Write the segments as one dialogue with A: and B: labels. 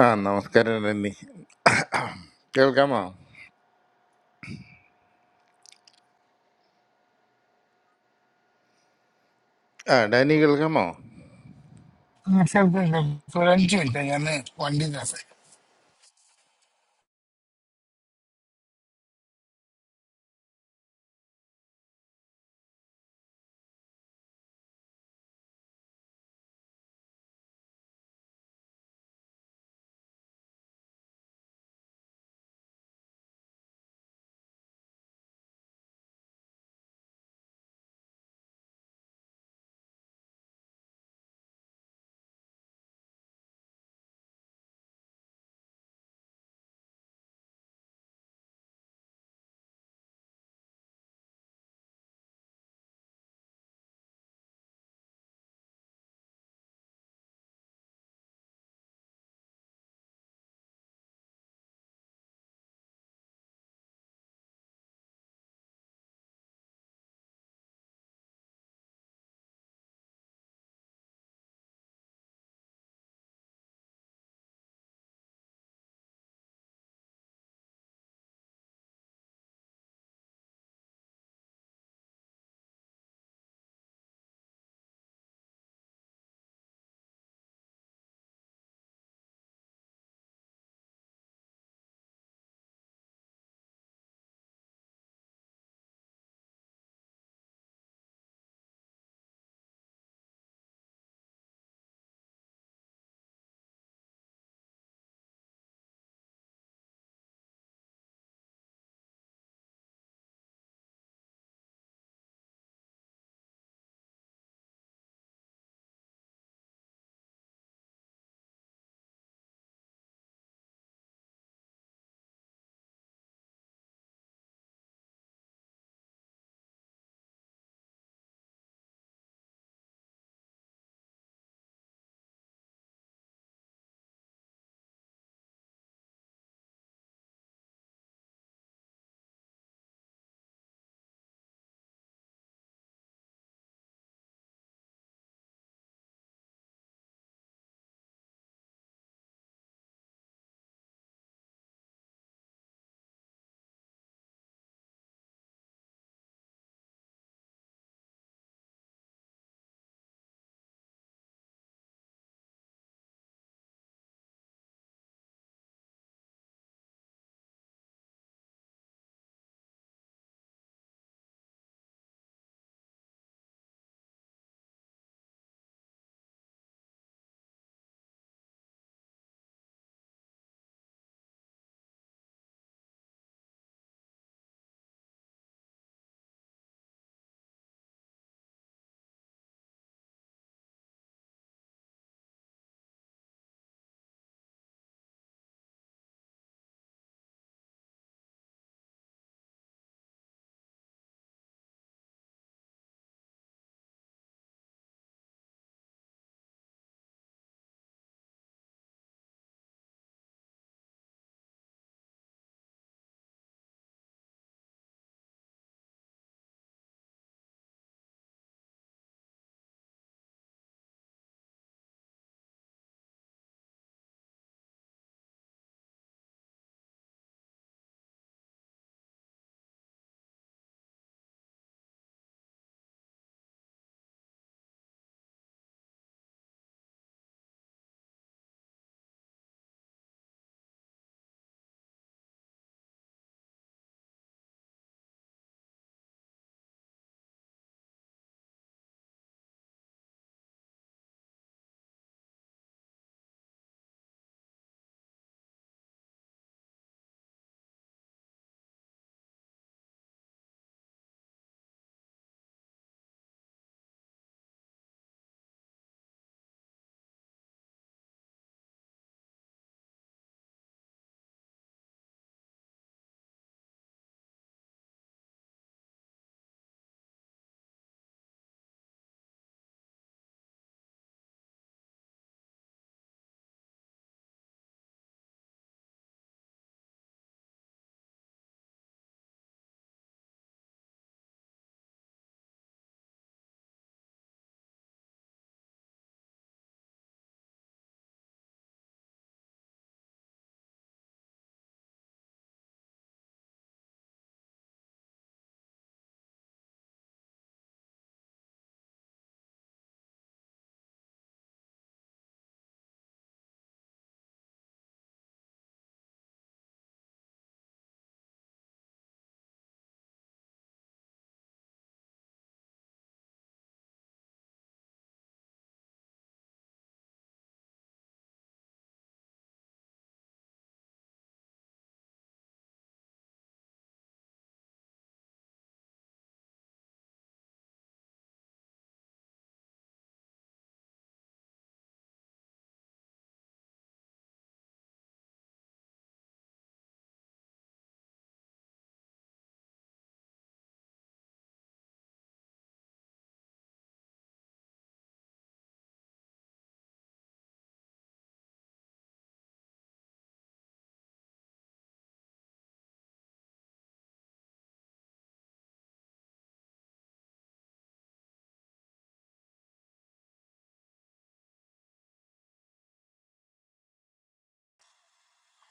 A: ആ നമസ്കാരം ഡനി കേൾക്കാമോ ആ ഡാനി കേൾക്കാമോ
B: ശബ്ദമുണ്ട് ഇപ്പൊ ഒരു അഞ്ച് മിനിറ്റ് ഞാൻ വണ്ടി നിർത്തി.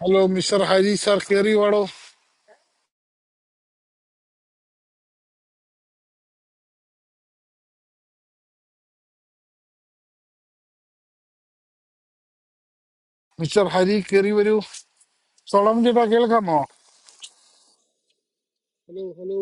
B: ഹലോ മിസ്റ്റർ ഹരി സാർ കേറി വാടോ മിസ്റ്റർ ഹരി കേറി വരൂ സോളം ചേട്ടാ കേൾക്കാമോ ഹലോ ഹലോ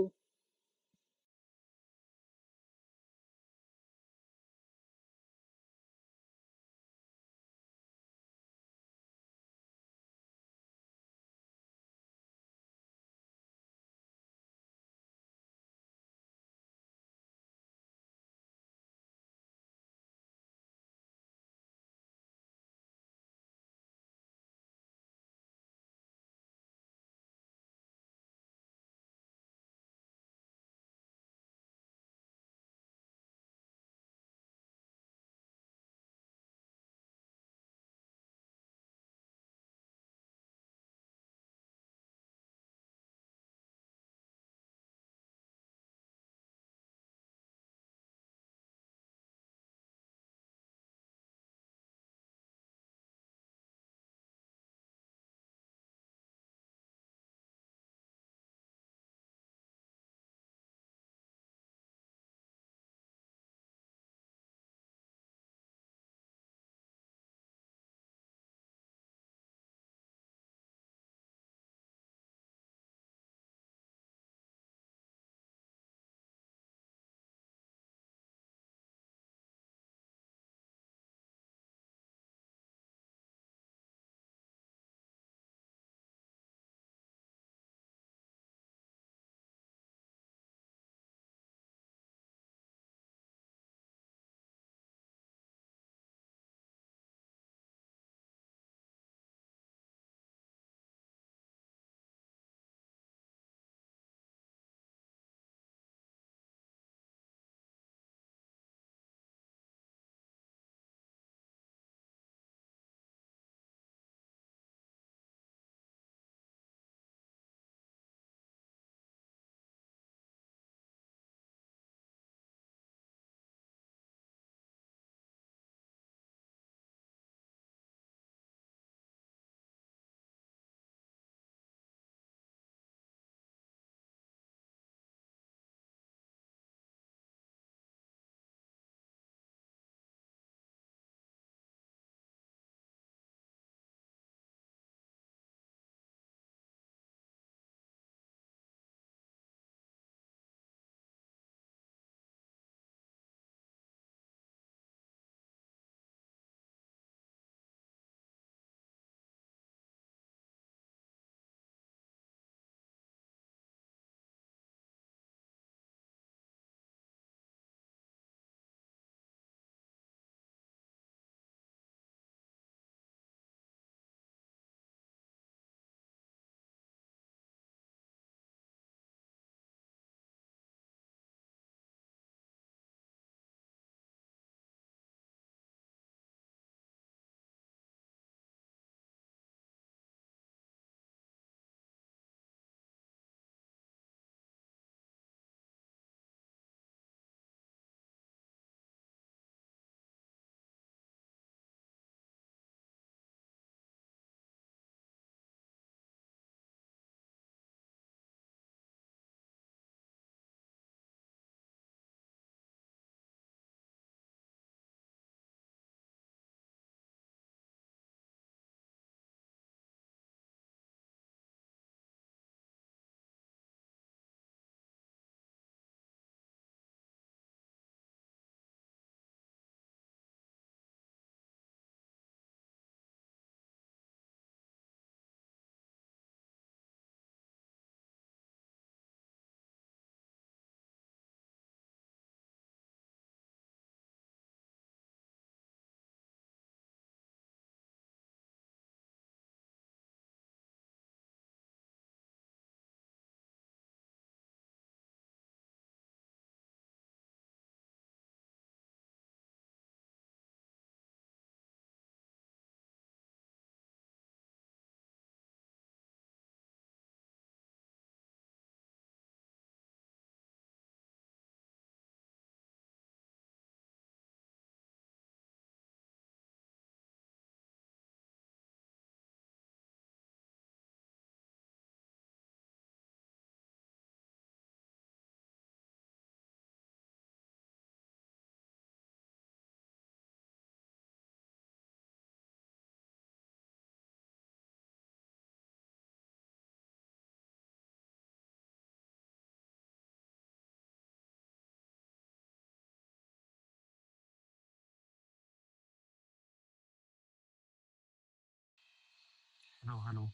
C: Hello. Hello.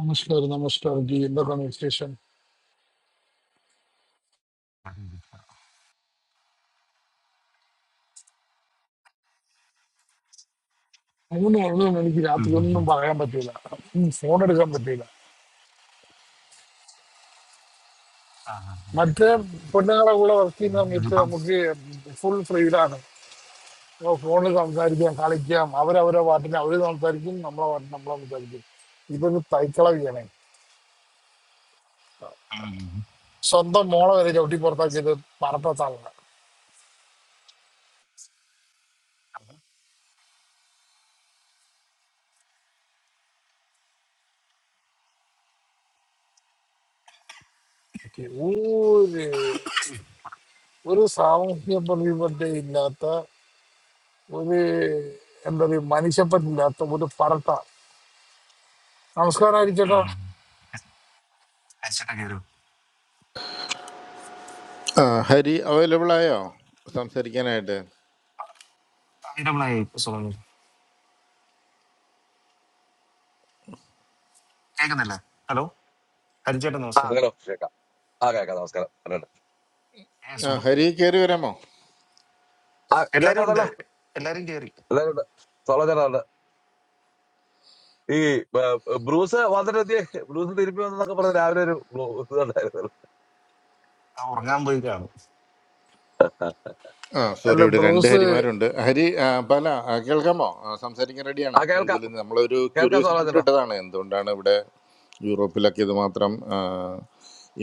B: നമസ്കാരം നമസ്കാരം ജി എന്തൊക്കെയാണ് വിശേഷം മൂന്ന് പറഞ്ഞൊന്നും എനിക്ക് രാത്രി ഒന്നും
C: Hmm.
B: പറയാൻ പറ്റൂല ഫോൺ എടുക്കാൻ പറ്റൂല
C: Ah. Ah.
B: മറ്റേ പെണ്ണുങ്ങളെ കൂടെ വർക്ക് ചെയ്യുന്ന
C: You are
B: സമയത്ത്
C: busy.
B: നമുക്ക് ഫുൾ ഫ്രീഡാണ് ഫോണിൽ സംസാരിക്കാം കളിക്കാം അവരവരെ പാട്ടിന് അവര് സംസാരിക്കും നമ്മളെ പാട്ടിന് നമ്മളെ സംസാരിക്കും ഇതൊരു തൈക്കളവിയാണ്
C: Hmm.
B: സ്വന്തം മോളെ വരെ ചവിട്ടി പുറത്താക്കിയത് പറപ്പത്താളാണ് ഓക്കേ. ഒരു ഒരു സാമൂഹ്യ പ്രതിബദ്ധത ഇല്ലാത്ത ഒരു എന്താ പറയുക മനുഷ്യപ്പറ്റില്ലാത്ത ഒരു പറട്ട നമസ്കാരം ആയിരിക്കട്ടാ
C: Hmm. I am checking. What
A: ആ ഹരി അവൈലബിൾ ആയോ സംസാരിക്കാനായിട്ട്
C: is your name? Sir. K. K. Hello. Hello.
D: ആ
C: Sir.
D: ഹലോ കേൾക്കാം ആ കേൾക്കാം നമസ്കാരം ഉണ്ട്.
C: Yes.
A: ആ
C: Sir. All
A: ഹരി കയറി വരാമോ
D: ആ ഞാൻ
C: are under.
D: കണ്ടല്ലോ
C: All are here.
D: എല്ലാവരുണ്ട് സോളജനുണ്ട് ഈ ഏ, ബ്രൂസ് വന്നിട്ട് എത്തി ബ്രൂസ് തിരുമ്പി വന്നൊക്കെ പറഞ്ഞ് രാവിലെ ഒരു ബ്ലൂ- ഇതുണ്ടായിരുന്നല്ലോ
C: Our name boy. K.
D: ആ
A: ആ സോറി
B: അല്ല
A: ഇവിടെ രണ്ട്
B: ബ്രൂസ്
A: ഹരിമാരുണ്ട് ഹരി ആ, പല ആ, കേൾക്കാമോ ആ, സംസാരിക്കാൻ
D: ആ,
A: റെഡിയാണോ
D: കേൾക്കാം
A: ഇതിൽ നമ്മളൊരു
D: കേൾക്കാം
A: ക്യൂരിയോസിറ്റി കൊണ്ട്
D: സോളജനോ
A: ഇട്ടതാണ് എന്തുകൊണ്ടാണ് ഇവിടെ യൂറോപ്പിലൊക്കെ ഇത് മാത്രം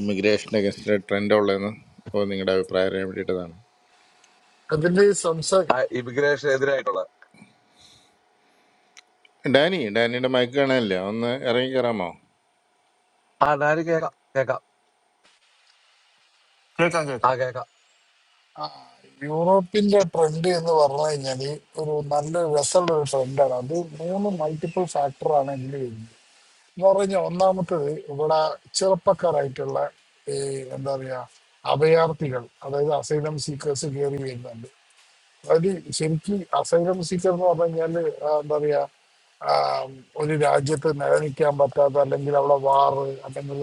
A: ഇമിഗ്രേഷൻ അഗൻസ്റ്റ് ട്രെൻഡ് ഉള്ളതെന്ന് അപ്പോൾ നിങ്ങളുടെ അഭിപ്രായം അറിയാൻ വേണ്ടിയിട്ടതാണ്
B: അതിന്റെ
D: ആ
B: സംസാരം
D: ഇമിഗ്രേഷൻ എതിരായിട്ടുള്ള
A: ഡാനി ഡാനിയുടെ മയക്ക് കാണാനില്ല ഒന്ന് ഇറങ്ങി കയറാമോ
D: ആ ഞാനും കേൾക്കാം കേൾക്കാം
C: K. K. K.
D: ആ
C: K.
D: കേൾക്കാം
B: യൂറോപ്പിന്റെ ട്രെൻഡ് എന്ന് പറഞ്ഞു കഴിഞ്ഞാല് ഒരു നല്ല രസമുള്ള ഒരു ട്രെൻഡാണ് അത് മൂന്ന് മൾട്ടിപ്പിൾ ഫാക്ടറാണ് ഇതിൽ വരുന്നത് എന്ന് പറഞ്ഞാൽ ഒന്നാമത്തത് ഇവിടെ ചെറുപ്പക്കാരായിട്ടുള്ള ഈ എന്താ പറയാ അഭയാർത്ഥികൾ അതായത് അസൈലം സീക്കേഴ്സ് കയറി വരുന്നുണ്ട് അത് ശരിക്ക് അസൈലം സീക്കർ എന്ന് പറഞ്ഞു കഴിഞ്ഞാല് ആ, എന്താ പറയാ ആ, ഒരു രാജ്യത്ത് നിലനിൽക്കാൻ പറ്റാത്ത അല്ലെങ്കിൽ അവിടെ വാറ് അല്ലെങ്കിൽ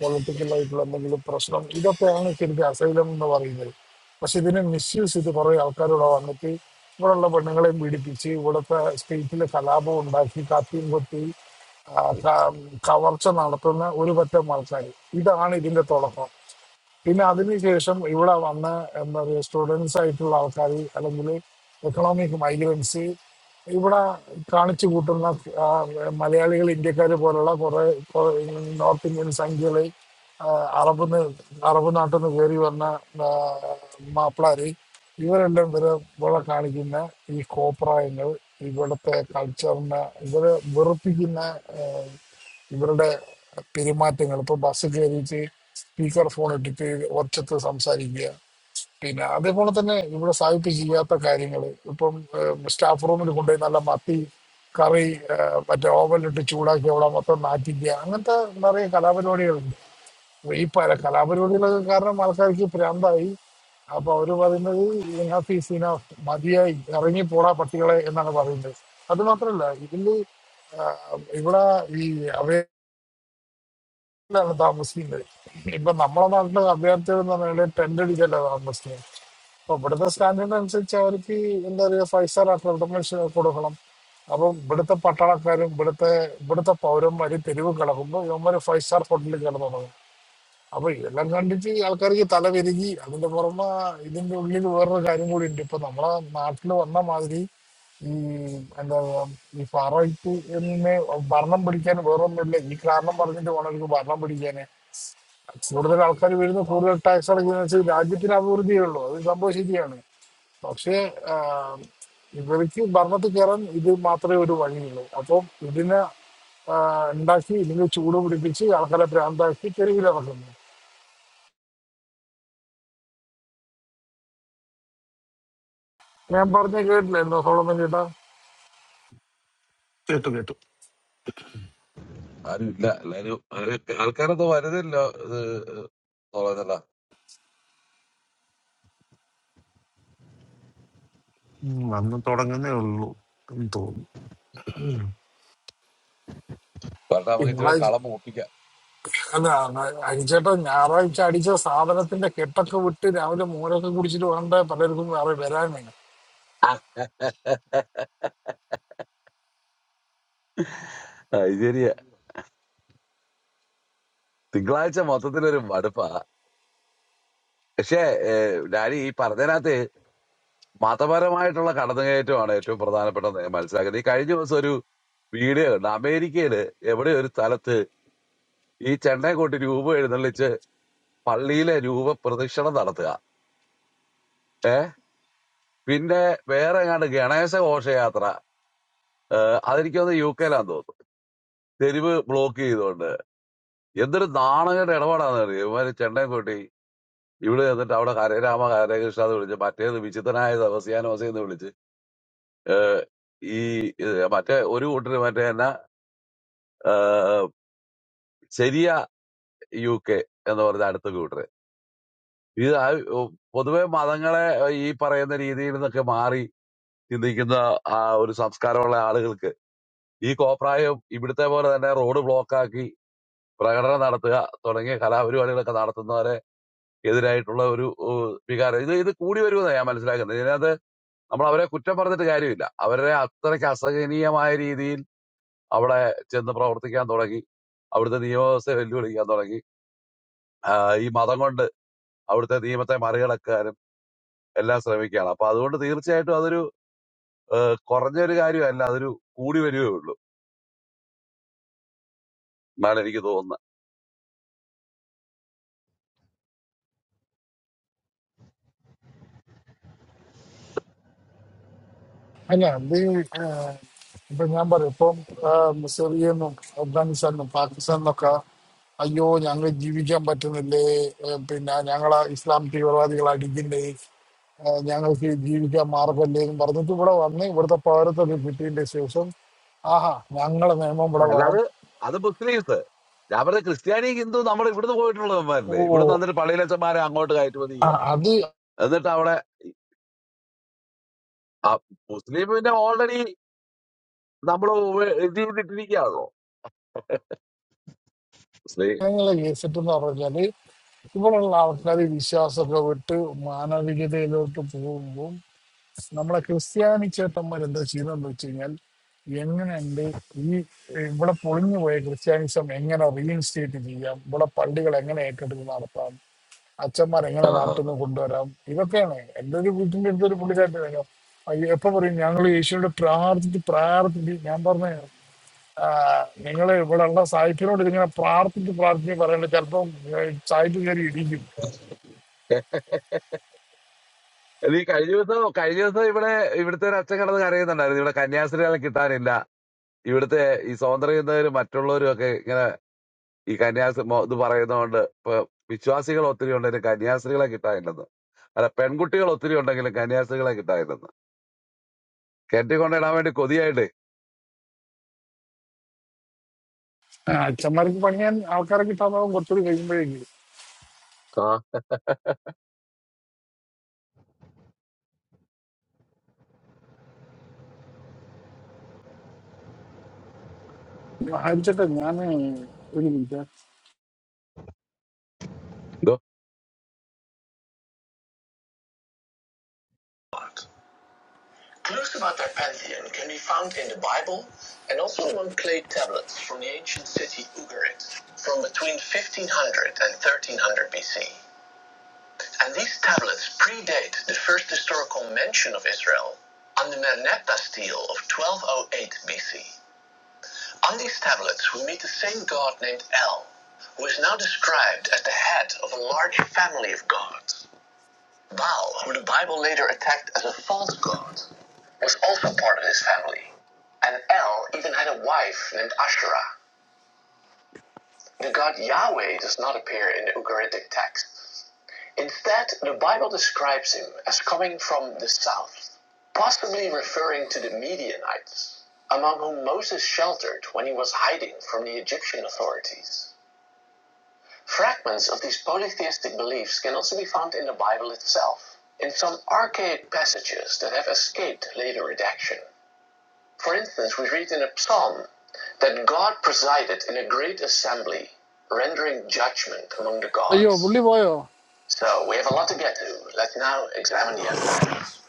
B: പൊളിറ്റിക്കൽ ആയിട്ടുള്ള എന്തെങ്കിലും പ്രശ്നം ഇതൊക്കെയാണ് ശരിക്കും അസൈലം എന്ന് പറയുന്നത് പക്ഷെ ഇതിനെ മിസ്യൂസ് ചെയ്ത് കുറെ ആൾക്കാരിവിടെ വന്നിട്ട് ഇവിടെയുള്ള പെണ്ണുങ്ങളെയും പീഡിപ്പിച്ച് ഇവിടുത്തെ സ്റ്റേറ്റിൽ കലാപം ഉണ്ടാക്കി കത്തിയും കൊത്തി ആ, ക- കവർച്ച നടത്തുന്ന ഒരു പറ്റം ആൾക്കാർ ഇതാണ് ഇതിന്റെ തുടക്കം പിന്നെ അതിനുശേഷം ഇവിടെ വന്ന് എന്താ പറയുക സ്റ്റുഡൻസ് ആയിട്ടുള്ള ആൾക്കാർ അല്ലെങ്കിൽ എക്കണോമിക് മൈഗ്രൻസ് ഇവിടെ കാണിച്ചു കൂട്ടുന്ന ആ, മലയാളികൾ ഇന്ത്യക്കാർ പോലുള്ള കുറേ നോർത്ത് ഇന്ത്യൻ സംഖ്യകൾ അറബ് ന- അറബ് നാട്ടിൽ നിന്ന് കയറി വന്ന ആ, മാപ്പിളാര് ഇവരെല്ലാം ഇവരെ ഇവിടെ കാണിക്കുന്ന ഈ കോപ്രായങ്ങൾ ഇവിടുത്തെ കൾച്ചറിനെ ഇവരെ വെറുപ്പിക്കുന്ന ആ, ഇവരുടെ പെരുമാറ്റങ്ങൾ ഇപ്പൊ ബസ് കയറിയിട്ട് സ്പീക്കർ ഫോൺ ഇട്ടിട്ട് ഒച്ചത്ത് സംസാരിക്കുക പിന്നെ അതേപോലെ തന്നെ ഇവിടെ സാഹിത്യ ചെയ്യാത്ത കാര്യങ്ങൾ ഇപ്പം സ്റ്റാഫ് റൂമിൽ കൊണ്ടുപോയി നല്ല മത്തി കറി ആ, മറ്റേ ഓവനിട്ട് ചൂടാക്കി അവിടെ മൊത്തം നാറ്റിക്കുക അങ്ങനത്തെ നിറയെ കലാപരിപാടികളുണ്ട് അപ്പൊ ഈ പല കലാപരിപാടികളൊക്കെ കാരണം ആൾക്കാർക്ക് ഭ്രാന്തായി അപ്പൊ അവര് പറയുന്നത് ഇനാഫ് ഈസ് ഇനാഫ് മതിയായി ഇറങ്ങി പോടാ പട്ടികളെ എന്നാണ് പറയുന്നത് അത് മാത്രല്ല ഇതില് ആ, ഇവിടെ ഈ ാണ് താമസിക്കുന്നത് ഇപ്പൊ നമ്മുടെ നാട്ടിലെ അഭയാർത്ഥികൾ എന്ന് പറഞ്ഞാൽ ടെന്റ് അടിച്ചല്ല താമസിക്കുന്നത് അപ്പൊ ഇവിടുത്തെ സ്റ്റാൻഡേർഡ് അനുസരിച്ച് അവർക്ക് എന്താ പറയുക ഫൈവ് സ്റ്റാർ അക്കോമഡേഷൻ കൊടുക്കണം അപ്പൊ ഇവിടുത്തെ പട്ടാളക്കാരും ഇവിടുത്തെ ഇവിടുത്തെ പൗരന്മാര് തെരുവ് കിടക്കുമ്പോ ഇവന്മാര് ഫൈവ് സ്റ്റാർ ഹോട്ടലിൽ കിടന്നു തുടങ്ങും അപ്പൊ ഇതെല്ലാം കണ്ടിട്ട് ആൾക്കാർക്ക് തലവെരുകി അതിന്റെ പുറമെ ഇതിന്റെ ഉള്ളിൽ വേറൊരു കാര്യം കൂടി ഉണ്ട് ഇപ്പൊ നമ്മളെ നാട്ടിൽ വന്ന മാതിരി ഈ എന്താ ഈ ഫാറോയ്ക്ക് എന്നെ ഭരണം പിടിക്കാൻ വേറൊന്നുമില്ല ഈ കാരണം പറഞ്ഞിട്ട് വേണം എനിക്ക് ഭരണം പിടിക്കാൻ കൂടുതൽ ആൾക്കാർ വരുന്നു കൂടുതൽ ടാക്സ് അടയ്ക്കുന്നതിനനുസരിച്ച് രാജ്യത്തിന് അഭിവൃദ്ധിയേ ഉള്ളൂ അത് സംഭവം ശരിയാണ് പക്ഷേ ആ, ഇവർക്ക് ഭരണത്തിൽ കയറാൻ ഇത് മാത്രമേ ഒരു വഴിയുള്ളൂ അപ്പം ഇതിനെ ആ, ഉണ്ടാക്കി ഇല്ലെങ്കിൽ ചൂട് പിടിപ്പിച്ച് ആൾക്കാരെ ഭ്രാന്താക്കി തെരുവിലിറക്കുന്നു ഞാൻ പറഞ്ഞ കേട്ടില്ലായിരുന്നോ സോളമൻ ചേട്ടാ
C: To K. To.
D: ആരും ഇല്ല എല്ലാരും ആരും ആൾക്കാരൊന്നും വരുന്നില്ല സോളജനോ
C: Hmm. I am not talking. I am old. Hmm. To.
D: പറഞ്ഞാൽ നമുക്ക് ഇച്ചിരി
B: തിങ്കളാഴ്ച
D: കളം ഒപ്പിക്കാം
B: അല്ല അരിച്ചേട്ടാ ഞായറാഴ്ച അടിച്ച സാധനത്തിന്റെ കെട്ടൊക്കെ വിട്ട് രാവിലെ മോരൊക്കെ കുടിച്ചിട്ട് വേണ്ട പലർക്കും വേറെ വരാനേ
D: അത് ശരിയാ തിങ്കളാഴ്ച മൊത്തത്തിലൊരു മടുപ്പാ പക്ഷേ ഏ, ഡാഡി ഈ പറഞ്ഞതിനകത്ത് മതപരമായിട്ടുള്ള കടന്നുകയറ്റമാണ് ഏറ്റവും പ്രധാനപ്പെട്ട നയം മനസ്സിലാക്കുന്നത് ഈ കഴിഞ്ഞ ദിവസം ഒരു വീഡിയോ കണ്ടു അമേരിക്കയില് എവിടെ ഒരു സ്ഥലത്ത് ഈ ചെണ്ടയും കൊട്ടി രൂപ എഴുന്നള്ളിച്ച് പള്ളിയിലെ രൂപ പ്രദക്ഷിണം നടത്തുക ഏ പിന്നെ വേറെ എങ്ങാണ്ട് ഗണേശ ഘോഷയാത്ര ഏഹ് അതെനിക്കൊന്ന് യു കെയിലാന്ന് തോന്നുന്നു തെരുവ് ബ്ലോക്ക് ചെയ്തുകൊണ്ട് എന്തൊരു നാണകരുടെ ഇടപാടാന്ന് അറിയോ ഇവര് ചെണ്ടയും കൊട്ടി ഇവിടെ എന്നിട്ട് അവിടെ ഹരേരാമ ഹരേകൃഷ്ണ എന്ന് വിളിച്ച് മറ്റേത് വിചിത്രനായ സവസ്യാനോസെന്ന് വിളിച്ച് ഏഹ് ഈ ഏഹ് മറ്റേ ഒരു കൂട്ടര് മറ്റേ എന്നാ ഏഹ് ശരിയ യു കെ എന്ന് പറഞ്ഞ അടുത്ത കൂട്ടര് ഇത് ആ ഒ- പൊതുവെ മതങ്ങളെ ഏഹ്, ഈ പറയുന്ന രീതിയിൽ നിന്നൊക്കെ മാറി ചിന്തിക്കുന്ന ആ ഒരു സംസ്കാരമുള്ള ആളുകൾക്ക് ഈ കോപ്രായം ഇവിടുത്തെ പോലെ തന്നെ റോഡ് ബ്ലോക്കാക്കി പ്രകടനം നടത്തുക തുടങ്ങിയ കലാപരിപാടികളൊക്കെ നടത്തുന്നവരെ എതിരായിട്ടുള്ള ഒരു ഏഹ്, വികാരം ഇത് ഇത് കൂടി വരുമെന്ന് ഞാൻ മനസ്സിലാക്കുന്നത് ഇതിനകത്ത് നമ്മൾ അവരെ കുറ്റം പറഞ്ഞിട്ട് കാര്യമില്ല അവരെ അത്രയ്ക്ക് അസഹനീയമായ രീതിയിൽ അവിടെ ചെന്ന് പ്രവർത്തിക്കാൻ തുടങ്ങി അവിടുത്തെ നിയമവ്യവസ്ഥയെ വെല്ലുവിളിക്കാൻ തുടങ്ങി ആ, ഈ മതം കൊണ്ട് അവിടുത്തെ നിയമത്തെ മറികടക്കുക എല്ലാം ശ്രമിക്കുകയാണ് അപ്പൊ അതുകൊണ്ട് തീർച്ചയായിട്ടും അതൊരു ഏഹ്, കുറഞ്ഞൊരു കാര്യമല്ല അതൊരു കൂടി വരുമോ എന്നാണ് എനിക്ക് തോന്നുന്നത്
B: അല്ല ഇത് ഏഹ്, ഇപ്പൊ ഞാൻ പറയും ഇപ്പം ഏഹ്, സിറിയന്നും അഫ്ഗാനിസ്ഥാനും പാകിസ്ഥാനിന്നൊക്കെ അയ്യോ ഞങ്ങൾ ജീവിക്കാൻ പറ്റുന്നില്ലേ ഏഹ്, പിന്നെ ഞങ്ങളെ ഇസ്ലാം തീവ്രവാദികൾ അടിക്കില്ലേ ഏഹ്, ഞങ്ങൾക്ക് ജീവിക്കാൻ മാർഗമല്ലേ എന്ന് പറഞ്ഞിട്ട് ഇവിടെ വന്ന് ഇവിടുത്തെ പൗരത്വം കിട്ടിയതിന്റെ ശേഷം ആഹാ ഞങ്ങളെ നിയമം ഇവിടെ വേണം
D: അല്ലാതെ അത് മുസ്ലിംസ് ഞാൻ പറഞ്ഞ ക്രിസ്ത്യാനി ഹിന്ദു നമ്മൾ ഇവിടുന്ന്
B: ഓ
D: പോയിട്ടുള്ളവന്മാരല്ലേ ഇവിടുന്ന് വന്നിട്ട് പള്ളിയിലച്ചന്മാരെ അങ്ങോട്ട് കയറ്റുമതി
B: ആ,
D: ചെയ്യുക
B: അത്
D: എന്നിട്ട് അവിടെ ആ മുസ്ലിം പിന്നെ ഓൾറെഡി നമ്മൾ ഇത് ചെയ്തിട്ടിരിക്കുകയാണല്ലോ മുസ്ലിം
B: അങ്ങനെയുള്ള കേസിട്ട് എന്ന് പറഞ്ഞാല് ഇവിടെയുള്ള ആൾക്കാർ വിശ്വാസമൊക്കെ വിട്ട് മാനവികതയിലോട്ട് പോകുമ്പോൾ നമ്മളെ ക്രിസ്ത്യാനി ചേട്ടന്മാർ എന്താ ചെയ്യുന്നതെന്ന് വെച്ച് കഴിഞ്ഞാൽ എങ്ങനെയുണ്ട് ഈ ഇവിടെ പൊളിഞ്ഞു പോയ ക്രിസ്ത്യാനിസം എങ്ങനെ റീഇൻസ്റ്റേറ്റ് ചെയ്യാം ഇവിടെ പള്ളികൾ എങ്ങനെ ഏറ്റെടുത്ത് നടത്താം അച്ഛന്മാർ
D: ആ
B: എങ്ങനെ
D: ആ, ആ.
B: നാട്ടിൽ നിന്ന് കൊണ്ടുവരാം ഇതൊക്കെയാണ് എൻ്റെ ഒരു വീട്ടിൻ്റെ അടുത്തൊരു പുള്ളിക്കാരൻ്റെ കാര്യം എപ്പോ പറയും ഞങ്ങൾ യേശുവിനോട് പ്രാർത്ഥിച്ച് പ്രാർത്ഥിച്ച് ഞാൻ പറഞ്ഞ നിങ്ങൾ ഇവിടെ ഉള്ള സായിപ്പിനോട് ഇതിങ്ങനെ പ്രാർത്ഥിച്ച് പ്രാർത്ഥിച്ച് പറയേണ്ട ചിലപ്പോൾ സായിപ്പ് കയറി ഇടിക്കും
D: ഇത് ഈ കഴിഞ്ഞ ദിവസം കഴിഞ്ഞ ദിവസം ഇവിടെ ഇവിടുത്തെ ഒരു അച്ഛൻ കിടന്ന് കരയുന്നുണ്ടായിരുന്നു ഇവിടെ കന്യാസ്ത്രീകളെ കിട്ടാനില്ല ഇവിടുത്തെ ഈ സ്വതന്ത്രരും മറ്റുള്ളവരും ഒക്കെ ഈ കന്യാസ് മോ- ഇത് പറയുന്നതുകൊണ്ട് ഇപ്പൊ വിശ്വാസികൾ ഒത്തിരി ഉണ്ടെങ്കിലും കന്യാസ്ത്രീകളെ കിട്ടാനില്ലെന്ന് അല്ല പെൺകുട്ടികൾ ഒത്തിരി ഉണ്ടെങ്കിലും കന്യാസ്ത്രീകളെ കിട്ടാനില്ലെന്ന് കെട്ടിക്കൊണ്ടിടാൻ വേണ്ടി കൊതിയായിട്ട്
B: ആ, അച്ഛന്മാർക്ക് പണിയാൻ ആൾക്കാരെ കിട്ടാതാവും കുറച്ചുകൂടി കഴിയുമ്പോഴേക്കും
D: ആ
B: ഹരിച്ചട്ടെ ഞാൻ ഒരു minute
A: Clues about their pantheon can be found in the Bible and also among clay tablets from the ancient city Ugarit from between 1500 and 1300 BC. And these tablets predate the first historical mention of Israel on the Merneptah stele of 1208 BC. On these tablets, we meet the same god named El, who is now described as the head of a large family of gods. Baal, who the Bible later attacked as a false god, was also part of his family. And El even had a wife named Asherah. The god Yahweh does not appear in the Ugaritic texts. Instead, the Bible describes him as coming from the south, possibly referring to the Midianites, among whom Moses sheltered when he was hiding from the Egyptian authorities. Fragments of these polytheistic beliefs can also be found in the Bible itself, in some archaic passages that have escaped later redaction. For instance, we read in a psalm that God presided in a great assembly, rendering judgment among the
B: അയ്യോ പുള്ളി
A: gods.
B: പോയോ
A: So we have a lot to get to. Let's now examine the evidence.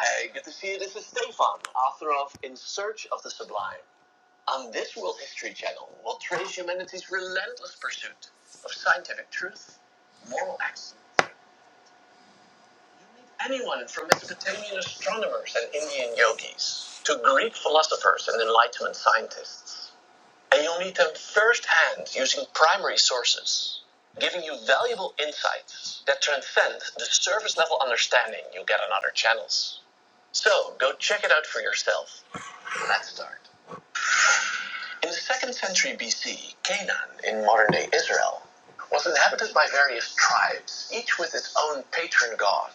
A: Hey, good to see you. This is Stefan, author of In Search of the Sublime. On this World History Channel, we'll trace humanity's relentless pursuit of scientific truth, moral excellence. Anyone from Mesopotamian astronomers and Indian yogis to Greek philosophers and Enlightenment scientists. And you'll meet them firsthand using primary sources, giving you valuable insights that transcend the surface level understanding you get on other channels. So go check it out for yourself. Let's start. In the second century BC, Canaan, in modern day Israel, was inhabited by various tribes, each with its own patron god.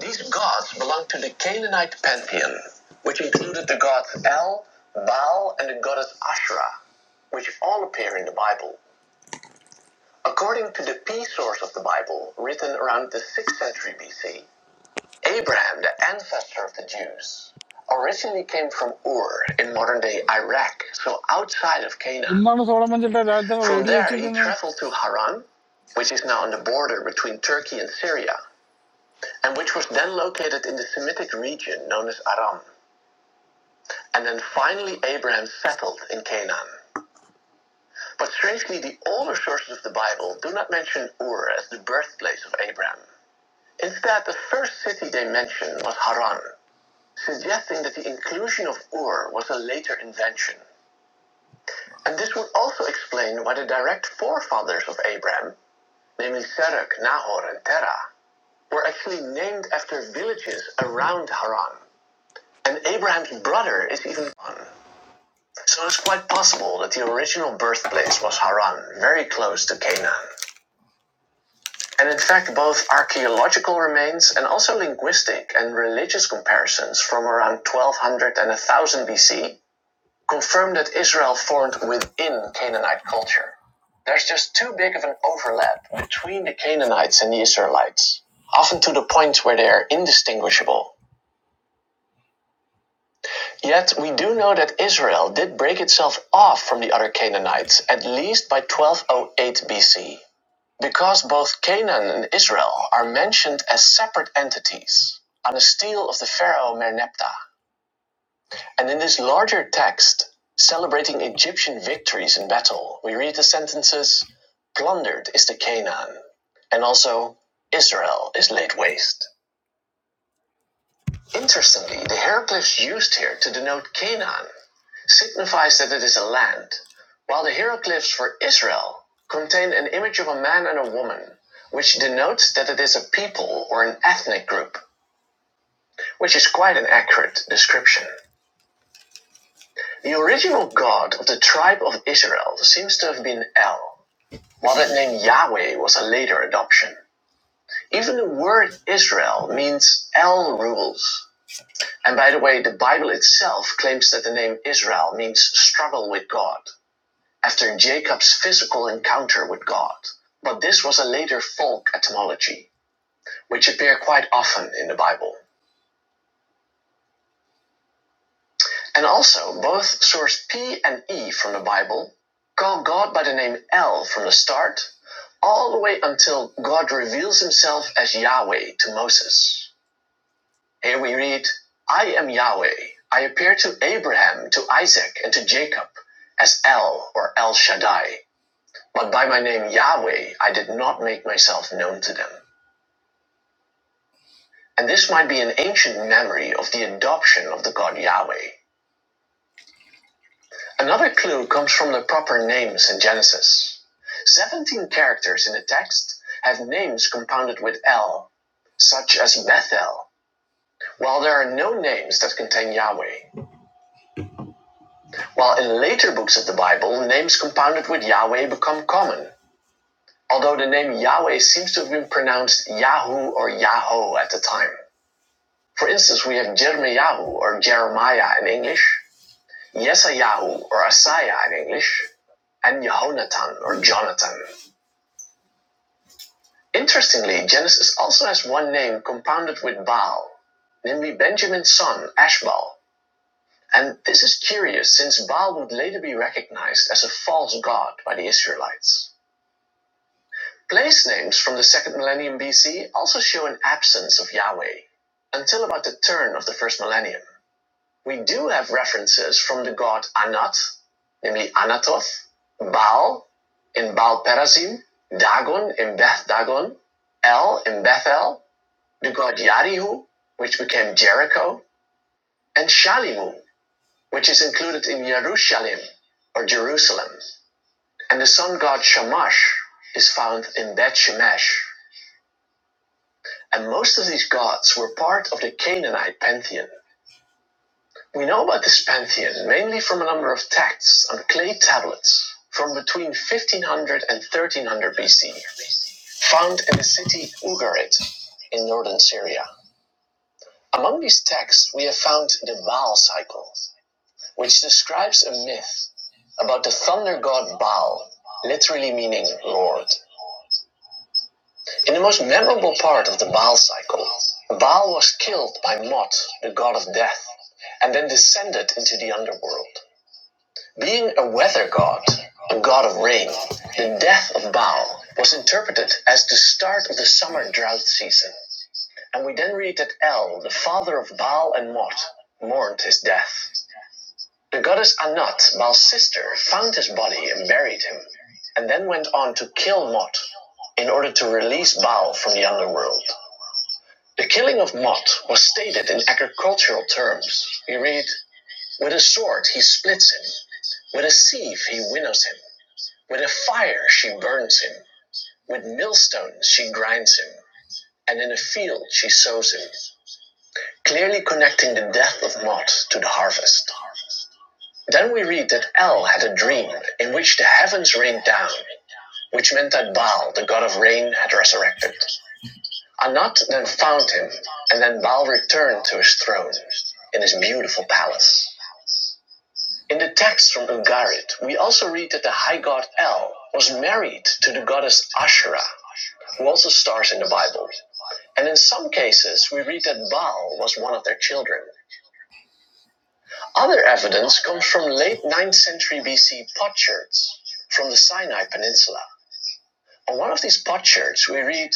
A: These gods belonged to the Canaanite pantheon, which included the gods El, Baal, and the goddess Asherah, which all appear in the Bible. According to the P source of the Bible, written around the 6th century BC, Abraham, the ancestor of the Jews, originally came from Ur in modern day Iraq, so outside of Canaan.
B: എന്താണ് Solomon ചേട്ടാ രാജ്യത്തെ
A: From
B: radio
A: there, he
B: വെച്ചിരിക്കുന്നത്
A: traveled to Haran, which is now on the border between Turkey and Syria, and which was then located in the Semitic region known as Aram. And then finally, Abraham settled in Canaan. But strangely, the older sources of the Bible do not mention Ur as the birthplace of Abraham. Instead, the first city they mention was Haran, suggesting that the inclusion of Ur was a later invention. And this would also explain why the direct forefathers of Abraham, namely Serach, Nahor, and Terah, were actually named after villages around Haran. And Abraham's brother is even one. So it's quite possible that the original birthplace was Haran, very close to Canaan. And in fact, both archaeological remains and also linguistic and religious comparisons from around 1200 and 1000 BC confirm that Israel formed within Canaanite culture. There's just too big of an overlap between the Canaanites and the Israelites, often to the point where they are indistinguishable. Yet we do know that Israel did break itself off from the other Canaanites, at least by 1208 BC, because both Canaan and Israel are mentioned as separate entities on a stele of the pharaoh Merneptah. And in this larger text, celebrating Egyptian victories in battle, we read the sentences Plundered is the Canaan, and also Israel is laid waste. Interestingly, the hieroglyphs used here to denote Canaan signifies that it is a land, while the hieroglyphs for Israel contain an image of a man and a woman, which denotes that it is a people or an ethnic group, which is quite an accurate description. The original god of the tribe of Israel seems to have been El, while that name Yahweh was a later adoption. Even the word Israel means El rules. And by the way, the Bible itself claims that the name Israel means struggle with God. after Jacob's physical encounter with God. But this was a later folk etymology, which appear quite often in the Bible. And also, both source P and E from the Bible call God by the name El from the start, all the way until God reveals himself as Yahweh to Moses. Here we read, I am Yahweh. I appear to Abraham, to Isaac, and to Jacob as El or El Shaddai. But by my name Yahweh, I did not make myself known to them. And this might be an ancient memory of the adoption of the god Yahweh. Another clue comes from the proper names in Genesis. 17 characters in the text have names compounded with El, such as Bethel, while there are no names that contain Yahweh. While in later books of the Bible, names compounded with Yahweh become common, although the name Yahweh seems to have been pronounced Yahu or Yaho at the time. For instance, we have Jeremiah or Jeremiah in English, Yesayahu or Asaiah in English, and Yehonatan or Jonathan. Interestingly, Genesis also has one name compounded with Baal, namely Benjamin's son, Ashbal. And this is curious since Baal would later be recognized as a false god by the Israelites. Place names from the second millennium BC also show an absence of Yahweh until about the turn of the first millennium. we do have references from the god Anat, namely Anatoth, Baal in Baal Perazim, Dagon in Beth Dagon, El in Bethel, the god Yarihu, which became Jericho, and Shalimu, which is included in Yerushalim or Jerusalem. And the sun god Shamash is found in Bet Shemesh. And most of these gods were part of the Canaanite pantheon. We know about this pantheon mainly from a number of texts on clay tablets from between 1500 and 1300 BC, found in the city Ugarit in northern Syria. Among these texts, we have found the Baal cycle, which describes a myth about the thunder god Baal, literally meaning Lord. In the most memorable part of the Baal cycle, Baal was killed by Mot, the god of death, and then descended into the underworld. Being a weather god, a god of rain, the death of Baal was interpreted as the start of the summer drought season. And we then read that El, the father of Baal and Mot, mourned his death. The goddess Anat, Baal's sister, found his body and buried him, and then went on to kill Mot in order to release Baal from the underworld. The killing of Mot was stated in agricultural terms. We read, With a sword he splits him, with a sieve he winnows him. With a fire she burns him, with millstones she grinds him, and in a field she sows him, clearly connecting the death of Mod to the harvest. Then we read that El had a dream in which the heavens rained down, which meant that Baal, the god of rain, had resurrected. Anat then found him, and then Baal returned to his throne in his beautiful palace. In the text from Ugarit, we also read that the high god El was married to the goddess Asherah, who also stars in the Bible. And in some cases, we read that Baal was one of their children. Other evidence comes from late ninth century BC potsherds from the Sinai Peninsula. On one of these potsherds, we read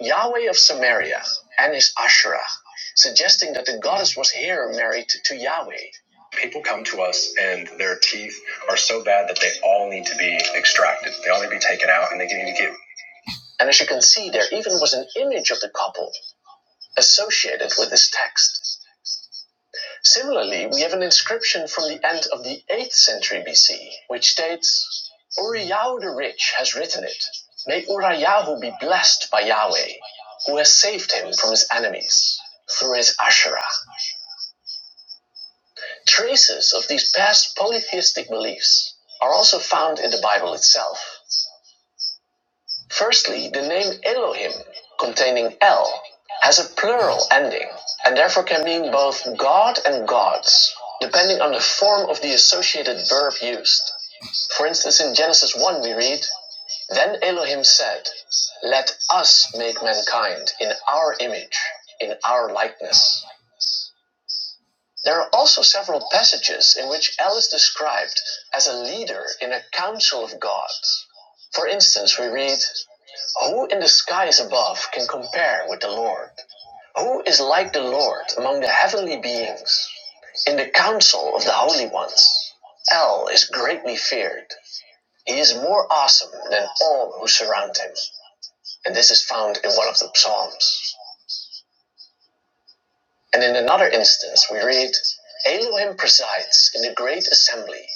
A: Yahweh of Samaria and his Asherah, suggesting that the goddess was here married to Yahweh. People come to us and their teeth are so bad that they all need to be extracted. They all need to be taken out and they need to get. And as you can see, there even was an image of the couple associated with this text. Similarly, we have an inscription from the end of the 8th century BC, which states, Uriah the rich has written it. May Uriah be blessed by Yahweh, who has saved him from his enemies through his Asherah. Traces of these past polytheistic beliefs are also found in the Bible itself. Firstly, the name Elohim, containing El, has a plural ending and therefore can mean both God and gods, depending on the form of the associated verb used. For instance, in Genesis 1, we read, Then Elohim said, Let us make mankind in our image, in our likeness. There are also several passages in which El is described as a leader in a council of gods. For instance, we read, who in the skies above can compare with the Lord? Who is like the Lord among the heavenly beings? In the council of the holy ones, El is greatly feared. He is more awesome than all who surround him. And this is found in one of the Psalms. And in another instance, we read Elohim presides in the great assembly.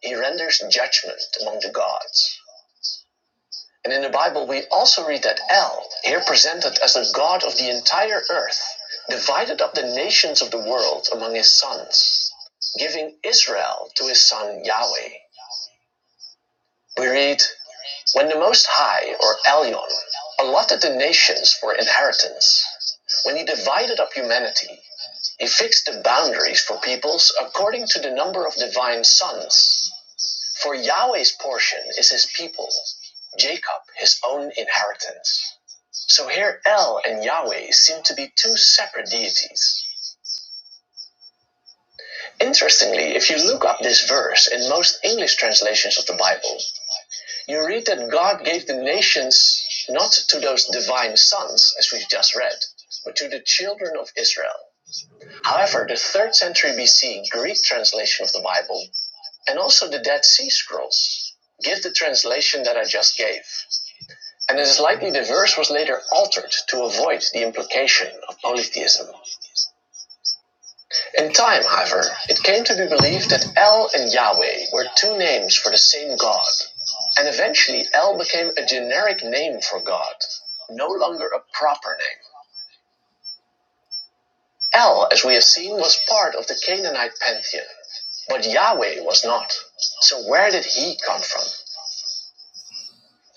A: He renders judgment among the gods. And in the Bible, we also read that El, here presented as the God of the entire earth, divided up the nations of the world among his sons, giving Israel to his son Yahweh. We read, When the Most High, or Elion, allotted the nations for inheritance, when he divided up humanity, he fixed the boundaries for peoples according to the number of divine sons. For Yahweh's portion is his people, Jacob his own inheritance. So here El and Yahweh seem to be two separate deities. Interestingly, if you look up this verse in most English translations of the Bible, you read that God gave the nations not to those divine sons, as we've just read, but to the children of Israel. However, the 3rd century BC Greek translation of the Bible and also the Dead Sea Scrolls give the translation that I just gave. And it is likely the verse was later altered to avoid the implication of polytheism. In time, however, it came to be believed that El and Yahweh were two names for the same God, and eventually El became a generic name for God, no longer a proper name. El, as we have seen, was part of the Canaanite pantheon, but Yahweh was not. So where did he come from?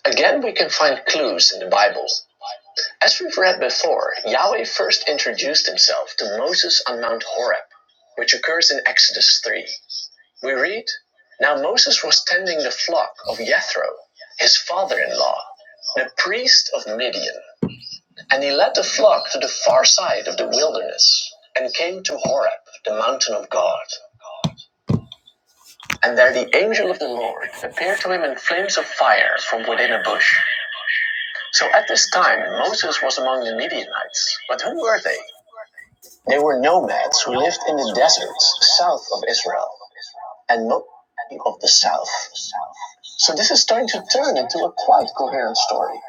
A: Again, we can find clues in the Bible. As we've read before, Yahweh first introduced himself to Moses on Mount Horeb, which occurs in Exodus 3. We read Now Moses was tending the flock of Jethro, his father in law, the priest of Midian, and he led the flock to the far side of the wilderness and came to Horeb, the mountain of God. And there the angel of the Lord appeared to him in flames of fire from within a bush. So at this time Moses was among the Midianites. But who were they? They were nomads who lived in the deserts south of Israel and most of the south. So this is starting to turn into a quite coherent story.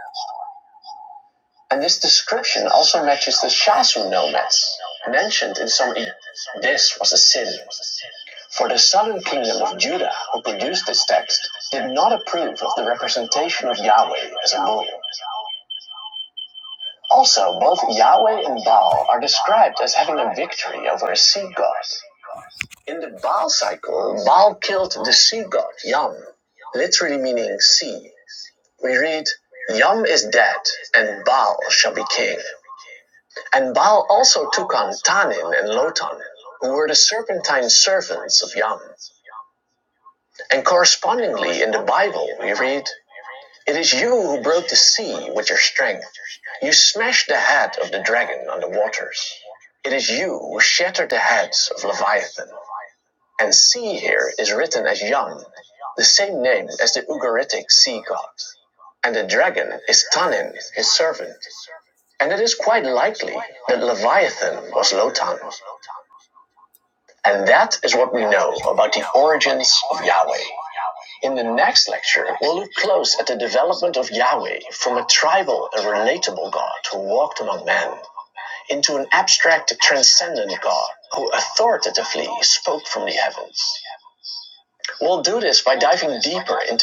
A: And this description also matches the Shasu nomads mentioned in some. This was a sin. For the southern kingdom of Judah, who produced this text, did not approve of the representation of Yahweh as a bull. Also, both Yahweh and Baal are described as having a victory over a sea god. In the Baal cycle, Baal killed the sea god Yam, literally meaning sea. We read, Yam is dead, and Baal shall be king. And Baal also took on Tannin and Lotan, who were the serpentine servants of Yam. And correspondingly, in the Bible, we read, It is you who broke the sea with your strength. You smashed the head of the dragon on the waters. It is you who shattered the heads of Leviathan. And sea here is written as Yam, the same name as the Ugaritic sea god. And the dragon is Tanin, his servant. And it is quite likely that Leviathan was Lotan. And that is what we know about the origins of Yahweh. In the next lecture, we'll look close at the development of Yahweh from a tribal and relatable God who walked among men into an abstract, transcendent God who authoritatively spoke from the heavens. We'll do this by diving deeper into